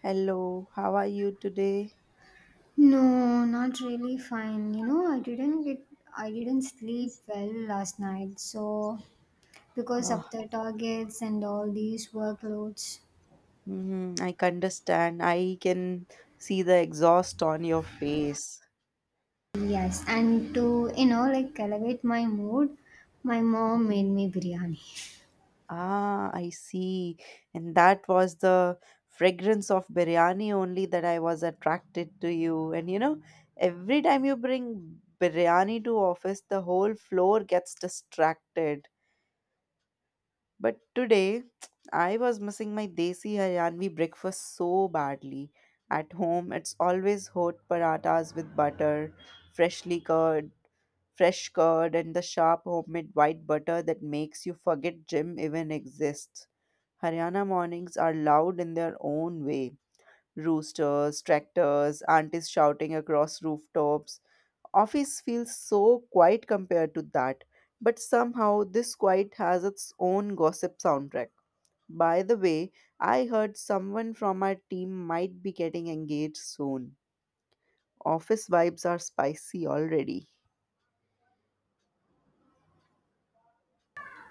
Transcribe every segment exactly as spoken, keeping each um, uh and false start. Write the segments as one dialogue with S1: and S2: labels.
S1: Hello, how are you today?
S2: No, not really fine. You know, I didn't get I didn't sleep well last night. So because
S1: Uh,
S2: of the targets and all these workloads.
S1: Mhm, I can understand. I can see the exhaust on your face.
S2: Yes, and to, you know, like elevate my mood, my mom made me biryani.
S1: Ah, I see. And that was the fragrance of biryani only that I was attracted to you. And you know, every time you bring biryani to office, the whole floor gets distracted. But today, I was missing my desi Haryanvi breakfast so badly. At home, it's always hot paratas with butter, freshly curd, fresh curd, and the sharp homemade white butter that makes you forget gym even exists. Haryana mornings are loud in their own way. Roosters, tractors, aunties shouting across rooftops. Office feels so quiet compared to that, but somehow this quiet has its own gossip soundtrack. By the way, I heard someone from our team might be getting engaged soon. Office vibes are spicy already.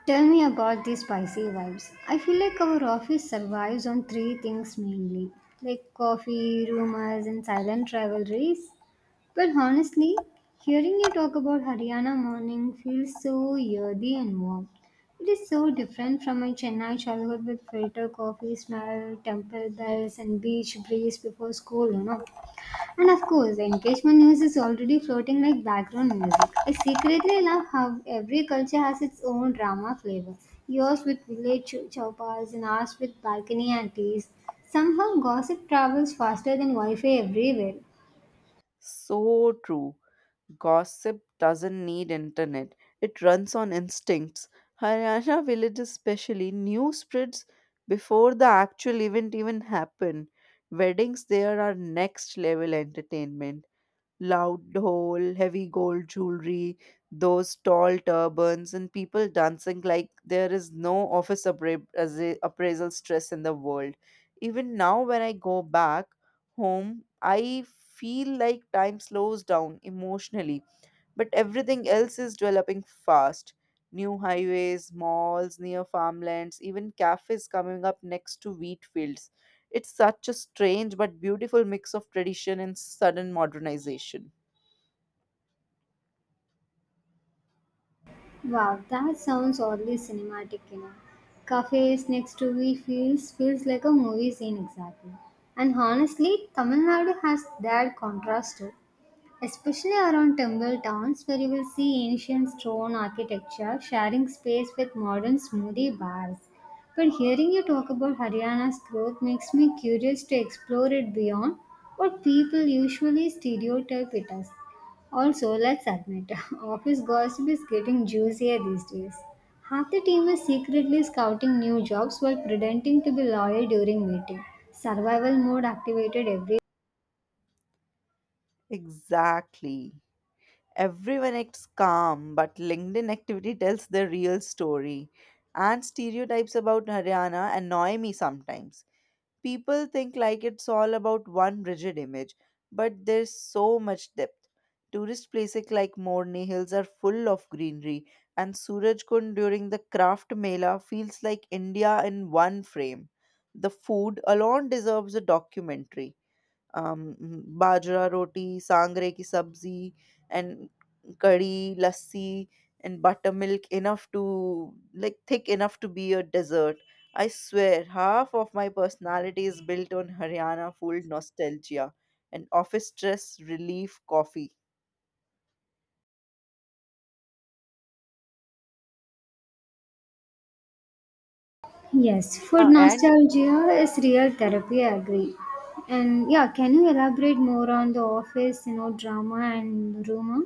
S2: Tell me about the spicy vibes. I feel like our office survives on three things mainly, like coffee, rumors, and silent rivalries. But honestly, hearing you talk about Haryana morning feels so earthy and warm. It is so different from my Chennai childhood with filter coffee smell, temple bells, and beach breeze before school, you know. And of course, the engagement news is already floating like background music. I secretly love how every culture has its own drama flavor. Yours with village chowpas and ours with balcony and teas. Somehow, gossip travels faster than Wi Fi everywhere.
S1: So true. Gossip doesn't need internet. It runs on instincts. Haryana village especially news spreads before the actual event even happen. Weddings there are next level entertainment. Loud hole, heavy gold jewelry, those tall turbans, and people dancing like there is no office appra- as- appraisal stress in the world. Even now, when I go back home, I feel like time slows down emotionally, but everything else is developing fast. New highways, malls near farmlands, even cafes coming up next to wheat fields. It's such a strange but beautiful mix of tradition and sudden modernization.
S2: Wow, that sounds oddly cinematic, you know. Cafes next to me feels feels like a movie scene exactly. And honestly, Tamil Nadu has that contrast too, especially around timber towns where you will see ancient stone architecture sharing space with modern smoothie bars. But hearing you talk about Haryana's growth makes me curious to explore it beyond what people usually stereotype it as. Also, let's admit, office gossip is getting juicier these days. Half the team is secretly scouting new jobs while pretending to be loyal during meeting. Survival mode activated every.
S1: Exactly. Everyone acts calm, but LinkedIn activity tells the real story. And stereotypes about Haryana annoy me sometimes. People think like it's all about one rigid image, but there's so much depth. Tourist places like Morni Hills are full of greenery, and Surajkund during the craft mela feels like India in one frame. The food alone deserves a documentary. um, Bajra roti, sangre ki sabzi, and curry, lassi, and buttermilk enough to like thick enough to be a dessert. I swear, half of my personality is built on Haryana food nostalgia and office stress relief coffee.
S2: Yes, food
S1: Ah, and
S2: nostalgia is real therapy, I agree. And yeah, can you elaborate more on the office, you know, drama and rumor?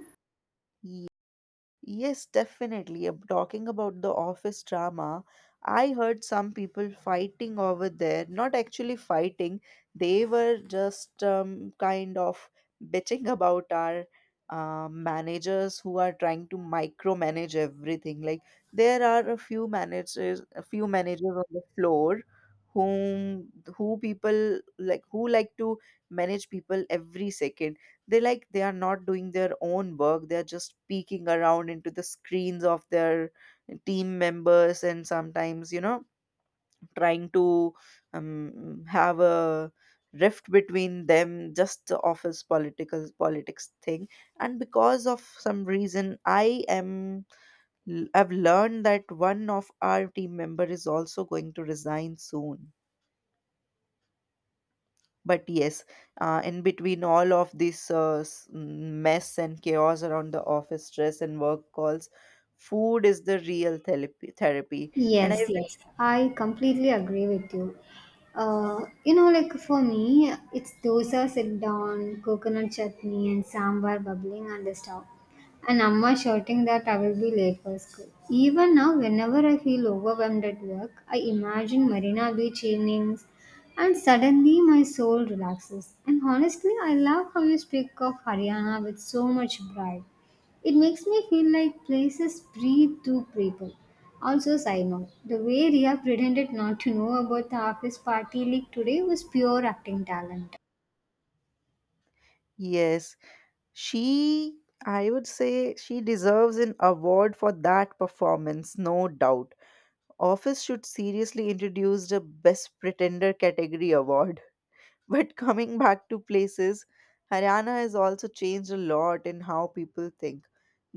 S1: Yes, Definitely. Ab- Talking about the office drama, I heard some people fighting over there. Not actually fighting, they were just um, kind of bitching about our uh, managers who are trying to micromanage everything. Like there are a few managers, a few managers on the floor whom who people like who like to manage people every second they like they are not doing their own work. They are just peeking around into the screens of their team members, and sometimes, you know, trying to um, have a rift between them, just the office political politics thing. And because of some reason, i am i've learned that one of our team member is also going to resign soon. But yes, uh, in between all of this uh, s- mess and chaos around the office stress and work calls, food is the real therapy. Therapy, and I
S2: Yes,
S1: wish-
S2: yes, I completely agree with you. Uh, you know, like for me, it's dosa sit down, coconut chutney, and sambar bubbling on the stove, and amma shouting that I will be late for school. Even now, whenever I feel overwhelmed at work, I imagine Marina Beach evenings, and suddenly my soul relaxes. And honestly, I love how you speak of Haryana with so much pride. It makes me feel like places breathe through people. Also, side note, the way Ria pretended not to know about the office party leak today was pure acting talent.
S1: yes, she I would say she deserves an award for that performance, no doubt. Office should seriously introduce the Best Pretender category award. But coming back to places, Haryana has also changed a lot in how people think.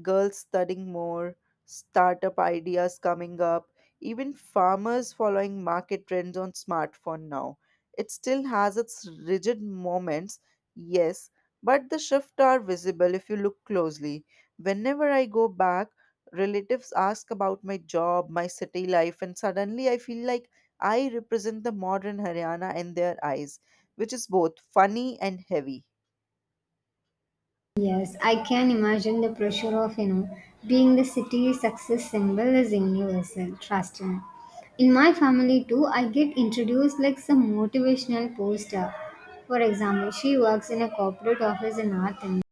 S1: Girls studying more, startup ideas coming up, even farmers following market trends on smartphone now. It still has its rigid moments, yes, but the shifts are visible if you look closely. Whenever I go back, relatives ask about my job, my city life, and suddenly I feel like I represent the modern Haryana in their eyes, which is both funny and heavy.
S2: Yes, I can imagine the pressure of, you know, being the city's success symbol is universal, trust me. In my family too, I get introduced like some motivational poster. For example, she works in a corporate office in North India.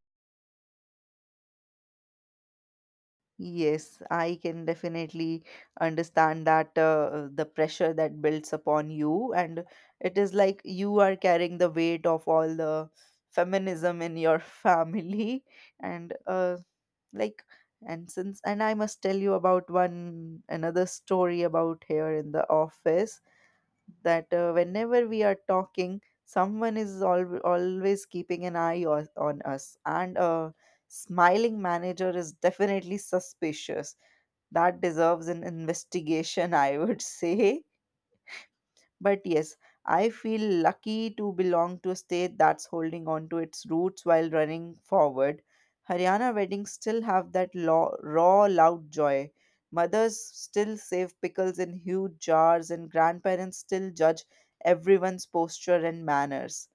S1: Yes, I can definitely understand that uh, the pressure that builds upon you, and it is like you are carrying the weight of all the feminism in your family, and uh, like, and since, and I must tell you about one another story about here in the office that uh, whenever we are talking, someone is al- always keeping an eye o- on us, and a smiling manager is definitely suspicious that deserves an investigation, I would say. But yes, I feel lucky to belong to a state that's holding on to its roots while running forward. Haryana weddings still have that law, raw, loud joy. Mothers still save pickles in huge jars, and grandparents still judge everyone's posture and manners.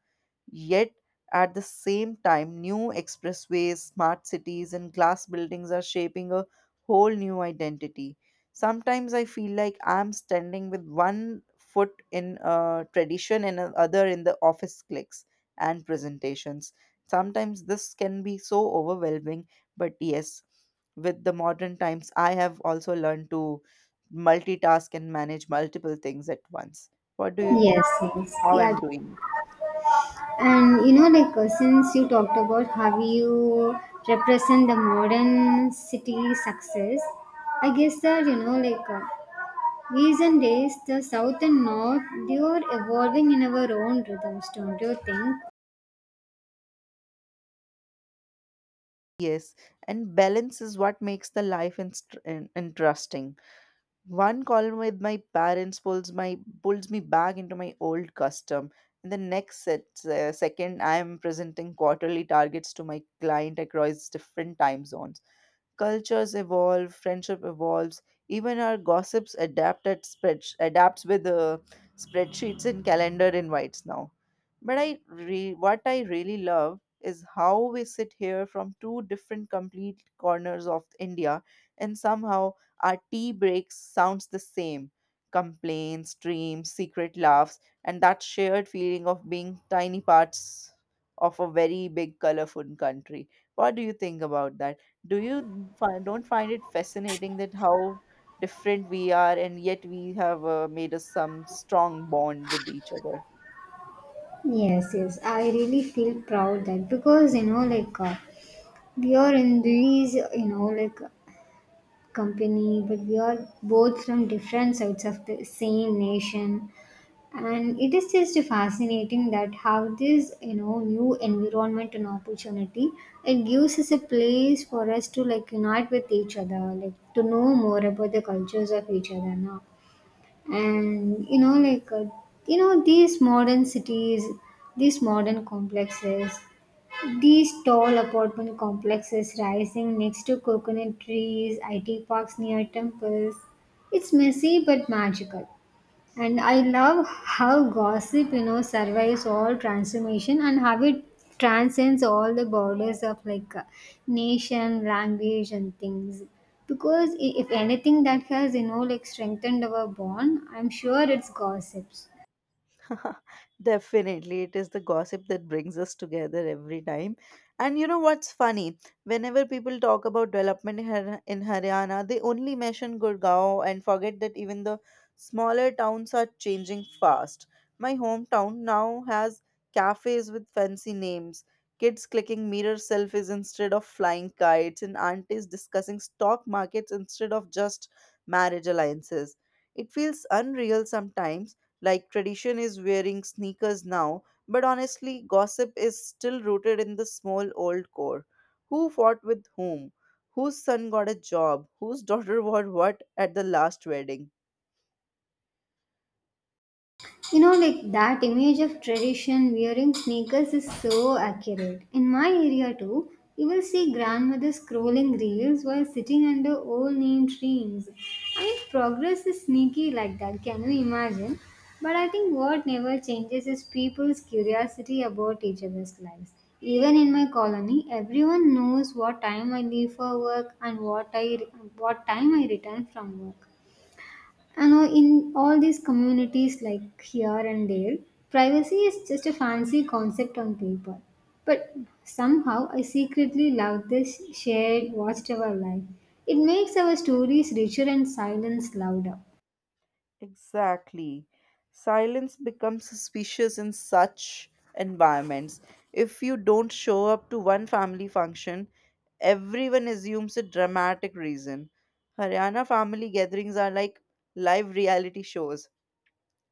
S1: Yet, at the same time, new expressways, smart cities, and glass buildings are shaping a whole new identity. Sometimes I feel like I'm standing with one foot in uh, tradition and the other in the office clicks and presentations. Sometimes this can be so overwhelming, but yes, with the modern times, I have also learned to multitask and manage multiple things at once. What do you think?
S2: Yes, yes.
S1: How
S2: Yeah,
S1: I'm doing?
S2: and you know, like uh, since you talked about how you represent the modern city success, I guess that you know, like uh, recent days, the south and north they are evolving in our own rhythms, don't you think?
S1: Yes, and balance is what makes the life inst- in- interesting. One call with my parents pulls my pulls me back into my old custom, and the next set, uh, second I am presenting quarterly targets to my client across different time zones. Cultures evolve, friendship evolves, even our gossips adapt at spread adapts with uh, spreadsheets and calendar invites now. But I re- what I really love is how we sit here from two different complete corners of India, and somehow our tea breaks sounds the same. Complaints, dreams, secret laughs, and that shared feeling of being tiny parts of a very big, colorful country. What do you think about that? Do you find Don't find it fascinating that how different we are and yet we have uh, made us some strong bond with each other?
S2: Yes, yes, I really feel proud that because you know, like uh, we are in these, you know, like company, but we are both from different sides of the same nation and it is just fascinating that how this you know new environment and opportunity it gives us a place for us to like unite with each other like to know more about the cultures of each other now and you know like uh, you know these modern cities, these modern complexes, these tall apartment complexes rising next to coconut trees it parks near temples, it's messy but magical. And I love how gossip, you know, survives all transformation and how it transcends all the borders of like uh, nation, language, and things. Because i- if anything that has, you know, like strengthened our bond, I'm sure it's gossips.
S1: Definitely, it is the gossip that brings us together every time. And you know what's funny? Whenever people talk about development in Har- in Haryana, they only mention Gurgaon and forget that even the smaller towns are changing fast. My hometown now has cafes with fancy names, kids clicking mirror selfies instead of flying kites, and aunties discussing stock markets instead of just marriage alliances. It feels unreal sometimes, like tradition is wearing sneakers now, but honestly, gossip is still rooted in the small old core. Who fought with whom? Whose son got a job? Whose daughter wore what at the last wedding?
S2: You know, like that image of tradition wearing sneakers is so accurate. In my area too, you will see grandmothers scrolling reels while sitting under old name trees. I mean, progress is sneaky like that, can you imagine? But I think what never changes is people's curiosity about each other's lives. Even in my colony, everyone knows what time I leave for work and what I what time I return from work. And all- in all these communities, like here and there, privacy is just a fancy concept on paper. But somehow, I secretly love this shared watchtower life. It makes our stories richer and silence louder.
S1: Exactly. Silence becomes suspicious in such environments. If you don't show up to one family function, everyone assumes a dramatic reason. Haryana family gatherings are like live reality shows.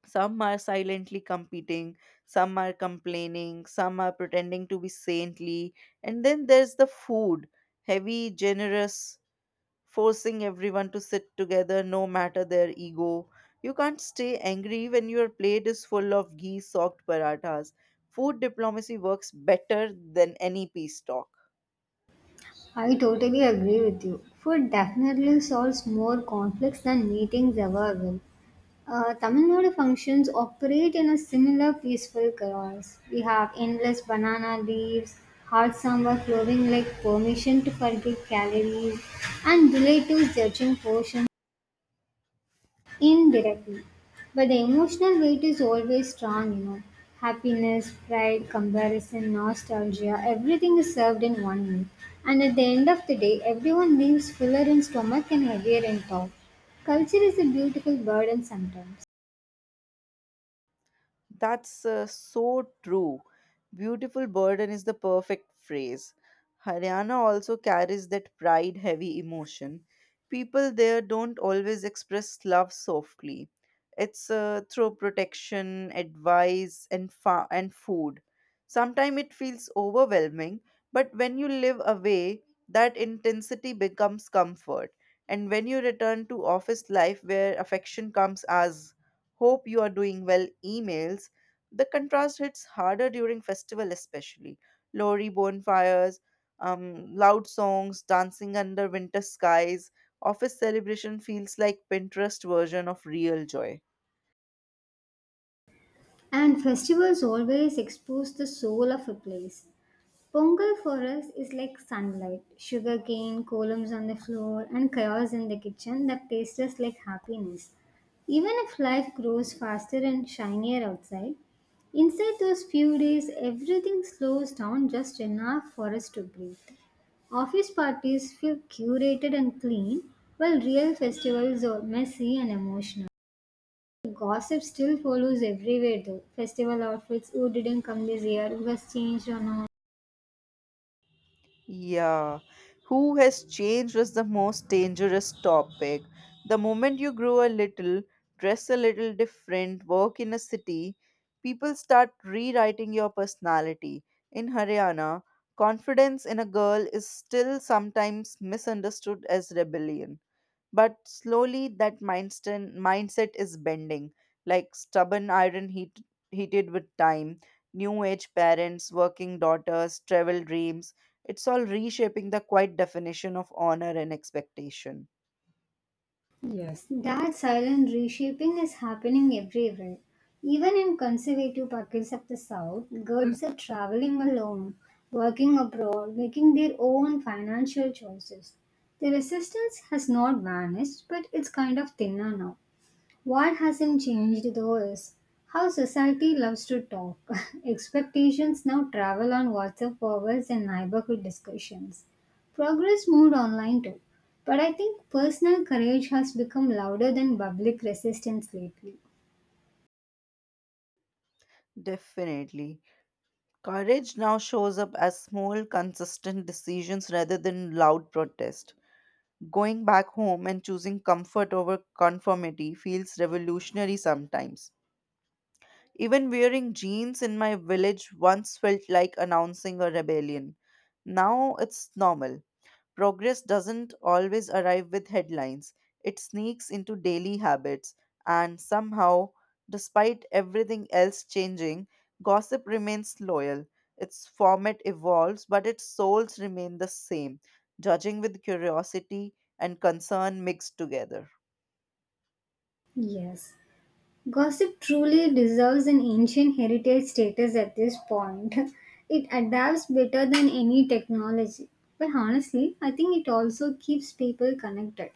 S1: Some are silently competing, some are complaining, some are pretending to be saintly. And then there's the food: heavy, generous, forcing everyone to sit together no matter their ego. You can't stay angry when your plate is full of ghee soaked parathas. Food diplomacy works better than any peace talk.
S2: I totally agree with you. Food definitely solves more conflicts than meetings ever will. Uh, Tamil Nadu functions operate in a similar peaceful chaos. We have endless banana leaves, hot samba flowing like permission to forget calories, and relatives judging portions indirectly. But the emotional weight is always strong, you know. Happiness, pride, comparison, nostalgia, everything is served in one meal. And at the end of the day, everyone leaves fuller in stomach and heavier in top. Culture is a beautiful burden sometimes.
S1: That's uh, so true. Beautiful burden is the perfect phrase. Haryana also carries that pride heavy emotion. People there don't always express love softly. It's uh, through protection, advice, and, fa- and food. Sometimes it feels overwhelming, but when you live away, that intensity becomes comfort. And when you return to office life where affection comes as hope you are doing well emails. The contrast hits harder during festival, especially lorry bonfires, um, loud songs, dancing under winter skies. Office celebration feels like Pinterest version of real joy.
S2: And festivals always expose the soul of a place. Pongal for us is like sunlight, sugarcane, columns on the floor, and chaos in the kitchen that tastes just like happiness. Even if life grows faster and shinier outside, inside those few days everything slows down just enough for us to breathe. Office parties feel curated and clean, while real festivals are messy and emotional. Gossip still follows everywhere though. Festival outfits, who didn't come this year, who has changed or not.
S1: Yeah. Who has changed is the most dangerous topic. The moment you grow a little, dress a little different, work in a city, people start rewriting your personality. In Haryana, confidence in a girl is still sometimes misunderstood as rebellion. But slowly that mindset mindset is bending, like stubborn iron heat, heated with time, new age parents, working daughters, travel dreams. It's all reshaping the quiet definition of honor and expectation.
S2: Yes. That silent reshaping is happening everywhere. Even in conservative pockets of the South, girls are traveling alone, working abroad, making their own financial choices. The resistance has not vanished, but it's kind of thinner now. What hasn't changed though is how society loves to talk. Expectations now travel on WhatsApp forwards and neighborhood discussions. Progress moved online too. But I think personal courage has become louder than public resistance lately.
S1: Definitely. Courage now shows up as small, consistent decisions rather than loud protest. Going back home and choosing comfort over conformity feels revolutionary sometimes. Even wearing jeans in my village once felt like announcing a rebellion. Now it's normal. Progress doesn't always arrive with headlines, it sneaks into daily habits, and somehow, despite everything else changing, gossip remains loyal. Its format evolves, but its souls remain the same, judging with curiosity and concern mixed together.
S2: Yes. Gossip truly deserves an ancient heritage status at this point. It adapts better than any technology. But honestly, I think it also keeps people connected.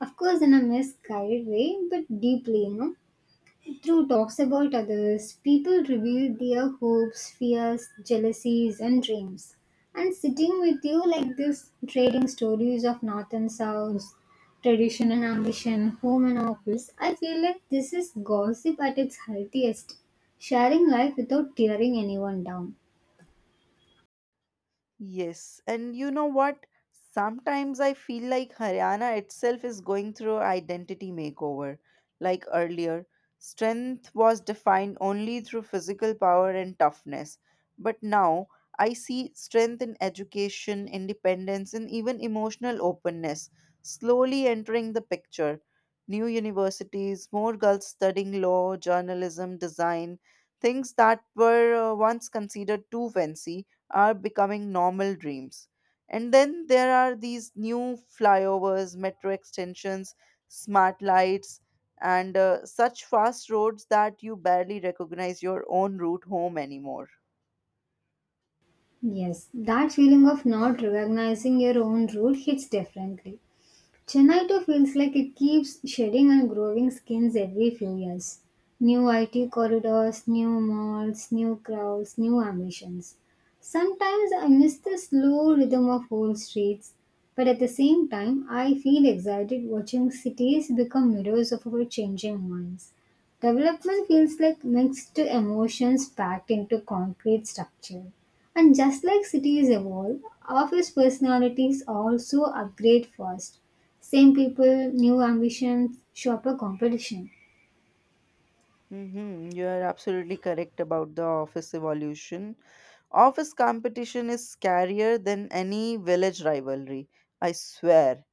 S2: Of course, in a misguided way, but deeply, you know. Through talks about others, people reveal their hopes, fears, jealousies, and dreams. And sitting with you like this, trading stories of north and south, tradition and ambition, home and office, I feel like this is gossip at its healthiest. Sharing life without tearing anyone down.
S1: Yes, and you know what? Sometimes I feel like Haryana itself is going through identity makeover. Like earlier, strength was defined only through physical power and toughness. But now I see strength in education, independence, and even emotional openness slowly entering the picture. New universities, more girls studying law, journalism, design, things that were uh, once considered too fancy are becoming normal dreams. And then there are these new flyovers, metro extensions, smart lights, and uh, such fast roads that you barely recognize your own route home anymore.
S2: Yes, that feeling of not recognizing your own root hits differently. Chennai too feels like it keeps shedding and growing skins every few years. New I T corridors, new malls, new crowds, new ambitions. Sometimes I miss the slow rhythm of old streets, but at the same time, I feel excited watching cities become mirrors of our changing minds. Development feels like mixed emotions packed into concrete structure. And just like cities evolve, office personalities also upgrade fast. Same people, new ambitions, sharper competition.
S1: Mm-hmm. You are absolutely correct about the office evolution. Office competition is scarier than any village rivalry, I swear.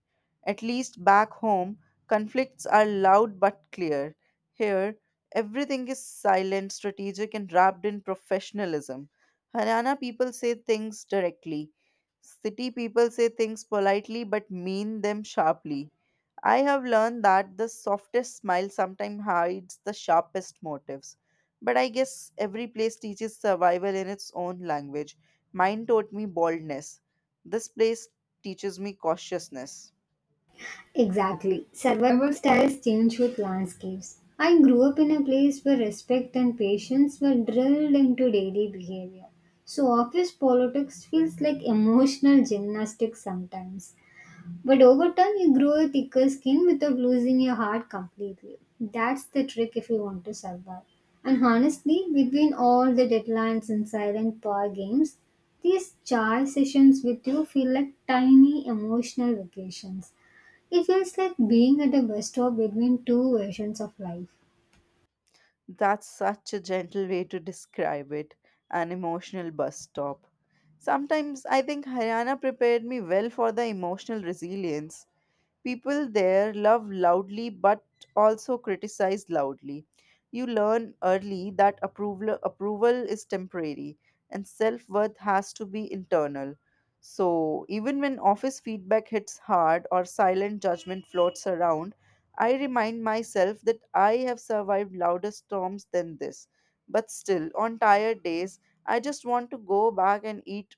S1: At least back home, conflicts are loud but clear. Here, everything is silent, strategic, and wrapped in professionalism. Haryana people say things directly. City people say things politely but mean them sharply. I have learned that the softest smile sometimes hides the sharpest motives. But I guess every place teaches survival in its own language. Mine taught me boldness. This place teaches me cautiousness.
S2: Exactly. Survival styles change with landscapes. I grew up in a place where respect and patience were drilled into daily behavior. So office politics feels like emotional gymnastics sometimes. But over time, you grow a thicker skin without losing your heart completely. That's the trick if you want to survive. And honestly, between all the deadlines and silent power games, these chai sessions with you feel like tiny emotional vacations. It feels like being at a bus stop between two versions of life.
S1: That's such a gentle way to describe it, an emotional bus stop. Sometimes I think Haryana prepared me well for the emotional resilience. People there love loudly but also criticize loudly. You learn early that approval, approval is temporary and self worth has to be internal. So, even when office feedback hits hard or silent judgment floats around, I remind myself that I have survived louder storms than this. But still, on tired days, I just want to go back and eat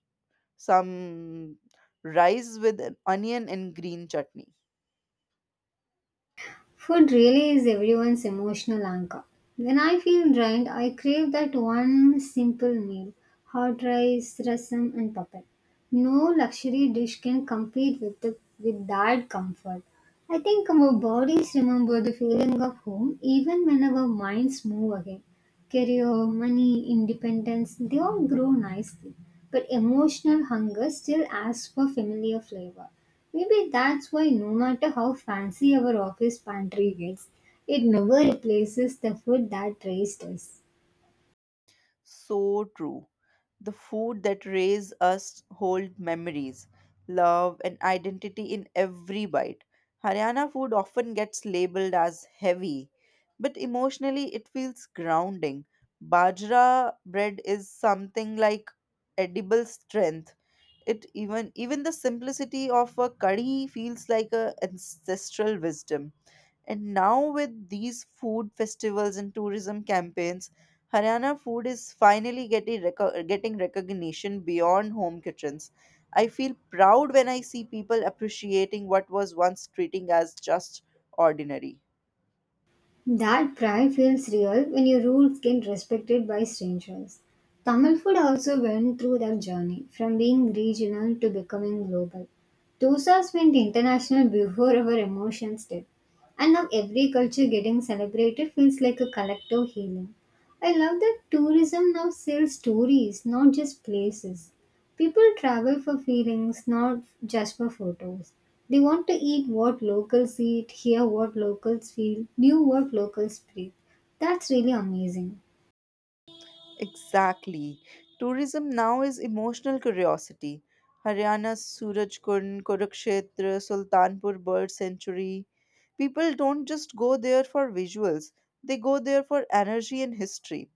S1: some rice with an onion and green chutney.
S2: Food really is everyone's emotional anchor. When I feel drained, I crave that one simple meal hot rice, rasam, and papad. No luxury dish can compete with, the, with that comfort. I think our bodies remember the feeling of home even when our minds move again. Career, money, independence, they all grow nicely. But emotional hunger still asks for familiar flavor. Maybe that's why no matter how fancy our office pantry gets, it never replaces the food that raised us.
S1: So true. The food that raise us hold memories, love, and identity in every bite. Haryana food often gets labeled as heavy, but emotionally it feels grounding. Bajra bread is something like edible strength. It even even the simplicity of a curry feels like a ancestral wisdom. And now, with these food festivals and tourism campaigns, Haryana food is finally getting, reco- getting recognition beyond home kitchens. I feel proud when I see people appreciating what was once treating as just ordinary.
S2: That pride feels real when your roots get respected by strangers. Tamil food also went through that journey from being regional to becoming global. Dosas went international before our emotions did. And now every culture getting celebrated feels like a collective healing. I love that tourism now sells stories, not just places. People travel for feelings, not just for photos. They want to eat what locals eat, hear what locals feel, knew what locals breathe. That's really amazing.
S1: Exactly. Tourism now is emotional curiosity. Haryana's Surajkund, Kurukshetra, Sultanpur Bird Sanctuary. People don't just go there for visuals, they go there for energy and history.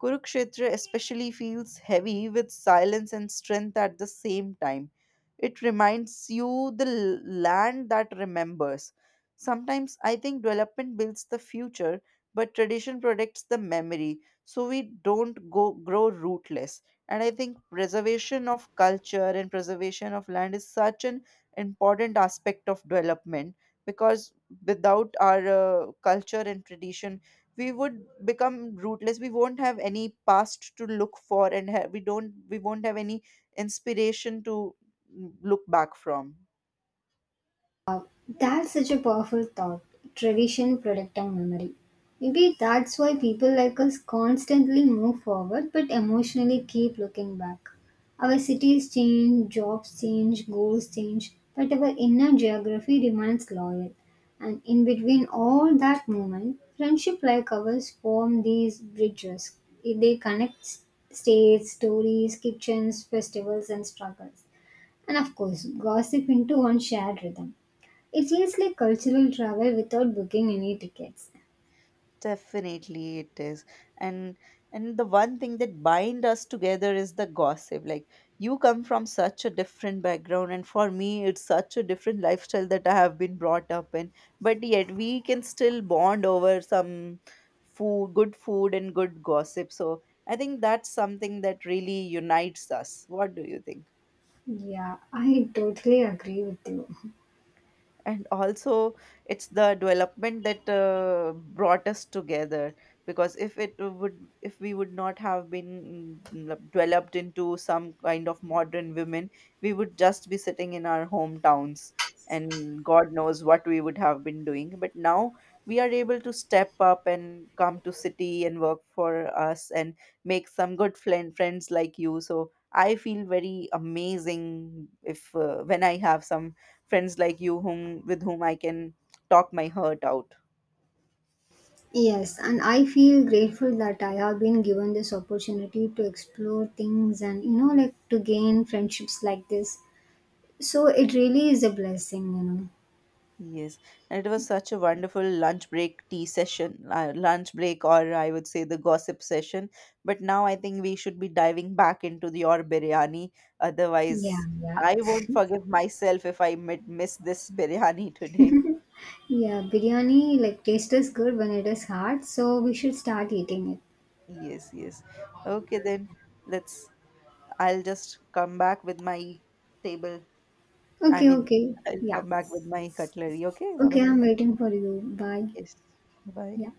S1: Kurukshetra especially feels heavy with silence and strength at the same time. It reminds you the l- land that remembers. Sometimes I think development builds the future, but tradition protects the memory so we don't go grow rootless, and I think preservation of culture and preservation of land is such an important aspect of development, because without our uh, culture and tradition we would become rootless, we won't have any past to look for, and ha- we don't we won't have any inspiration to mm, look back from.
S2: That's such a powerful thought. Tradition protecting memory. Maybe that's why people like us constantly move forward but emotionally keep looking back. Our cities change, jobs change, goals change, but our inner geography remains loyal. And in between all that movement, friendship like ours form these bridges. They connect states, stories, kitchens, festivals, and struggles. And of course, gossip into one shared rhythm. It feels like cultural travel without booking any tickets.
S1: Definitely it is. And and the one thing that bind us together is the gossip. Like, you come from such a different background and for me it's such a different lifestyle that I have been brought up in. But yet we can still bond over some food, good food and good gossip. So I think that's something that really unites us. What do you think?
S2: Yeah, I totally agree with you.
S1: And also, it's the development that uh, brought us together, because if it would if we would not have been mm, developed into some kind of modern women, we would just be sitting in our hometowns and god knows what we would have been doing, but now we are able to step up and come to city and work for us and make some good friend friends like you. So I feel very amazing if uh, when I have some friends like you whom with whom I can talk my heart out.
S2: Yes, and I feel grateful that I have been given this opportunity to explore things and, you know, like to gain friendships like this. So it really is a blessing, you know.
S1: Yes, and it was such a wonderful lunch break tea session, uh, lunch break, or I would say the gossip session. But now I think we should be diving back into the your biryani.
S2: Yeah,
S1: Otherwise,
S2: yeah.
S1: I won't forgive myself if I mid- miss this biryani today.
S2: Yeah, biryani like tastes good when it is hot, so we should start eating it.
S1: Yes, yes. Okay, then let's. I'll just come back with my table. I
S2: Okay,
S1: mean,
S2: okay.
S1: I'll
S2: Yeah.
S1: come back with my cutlery. Okay, bye
S2: Okay,
S1: bye.
S2: I'm waiting for you. Bye.
S1: Yes, bye bye.
S2: Yeah.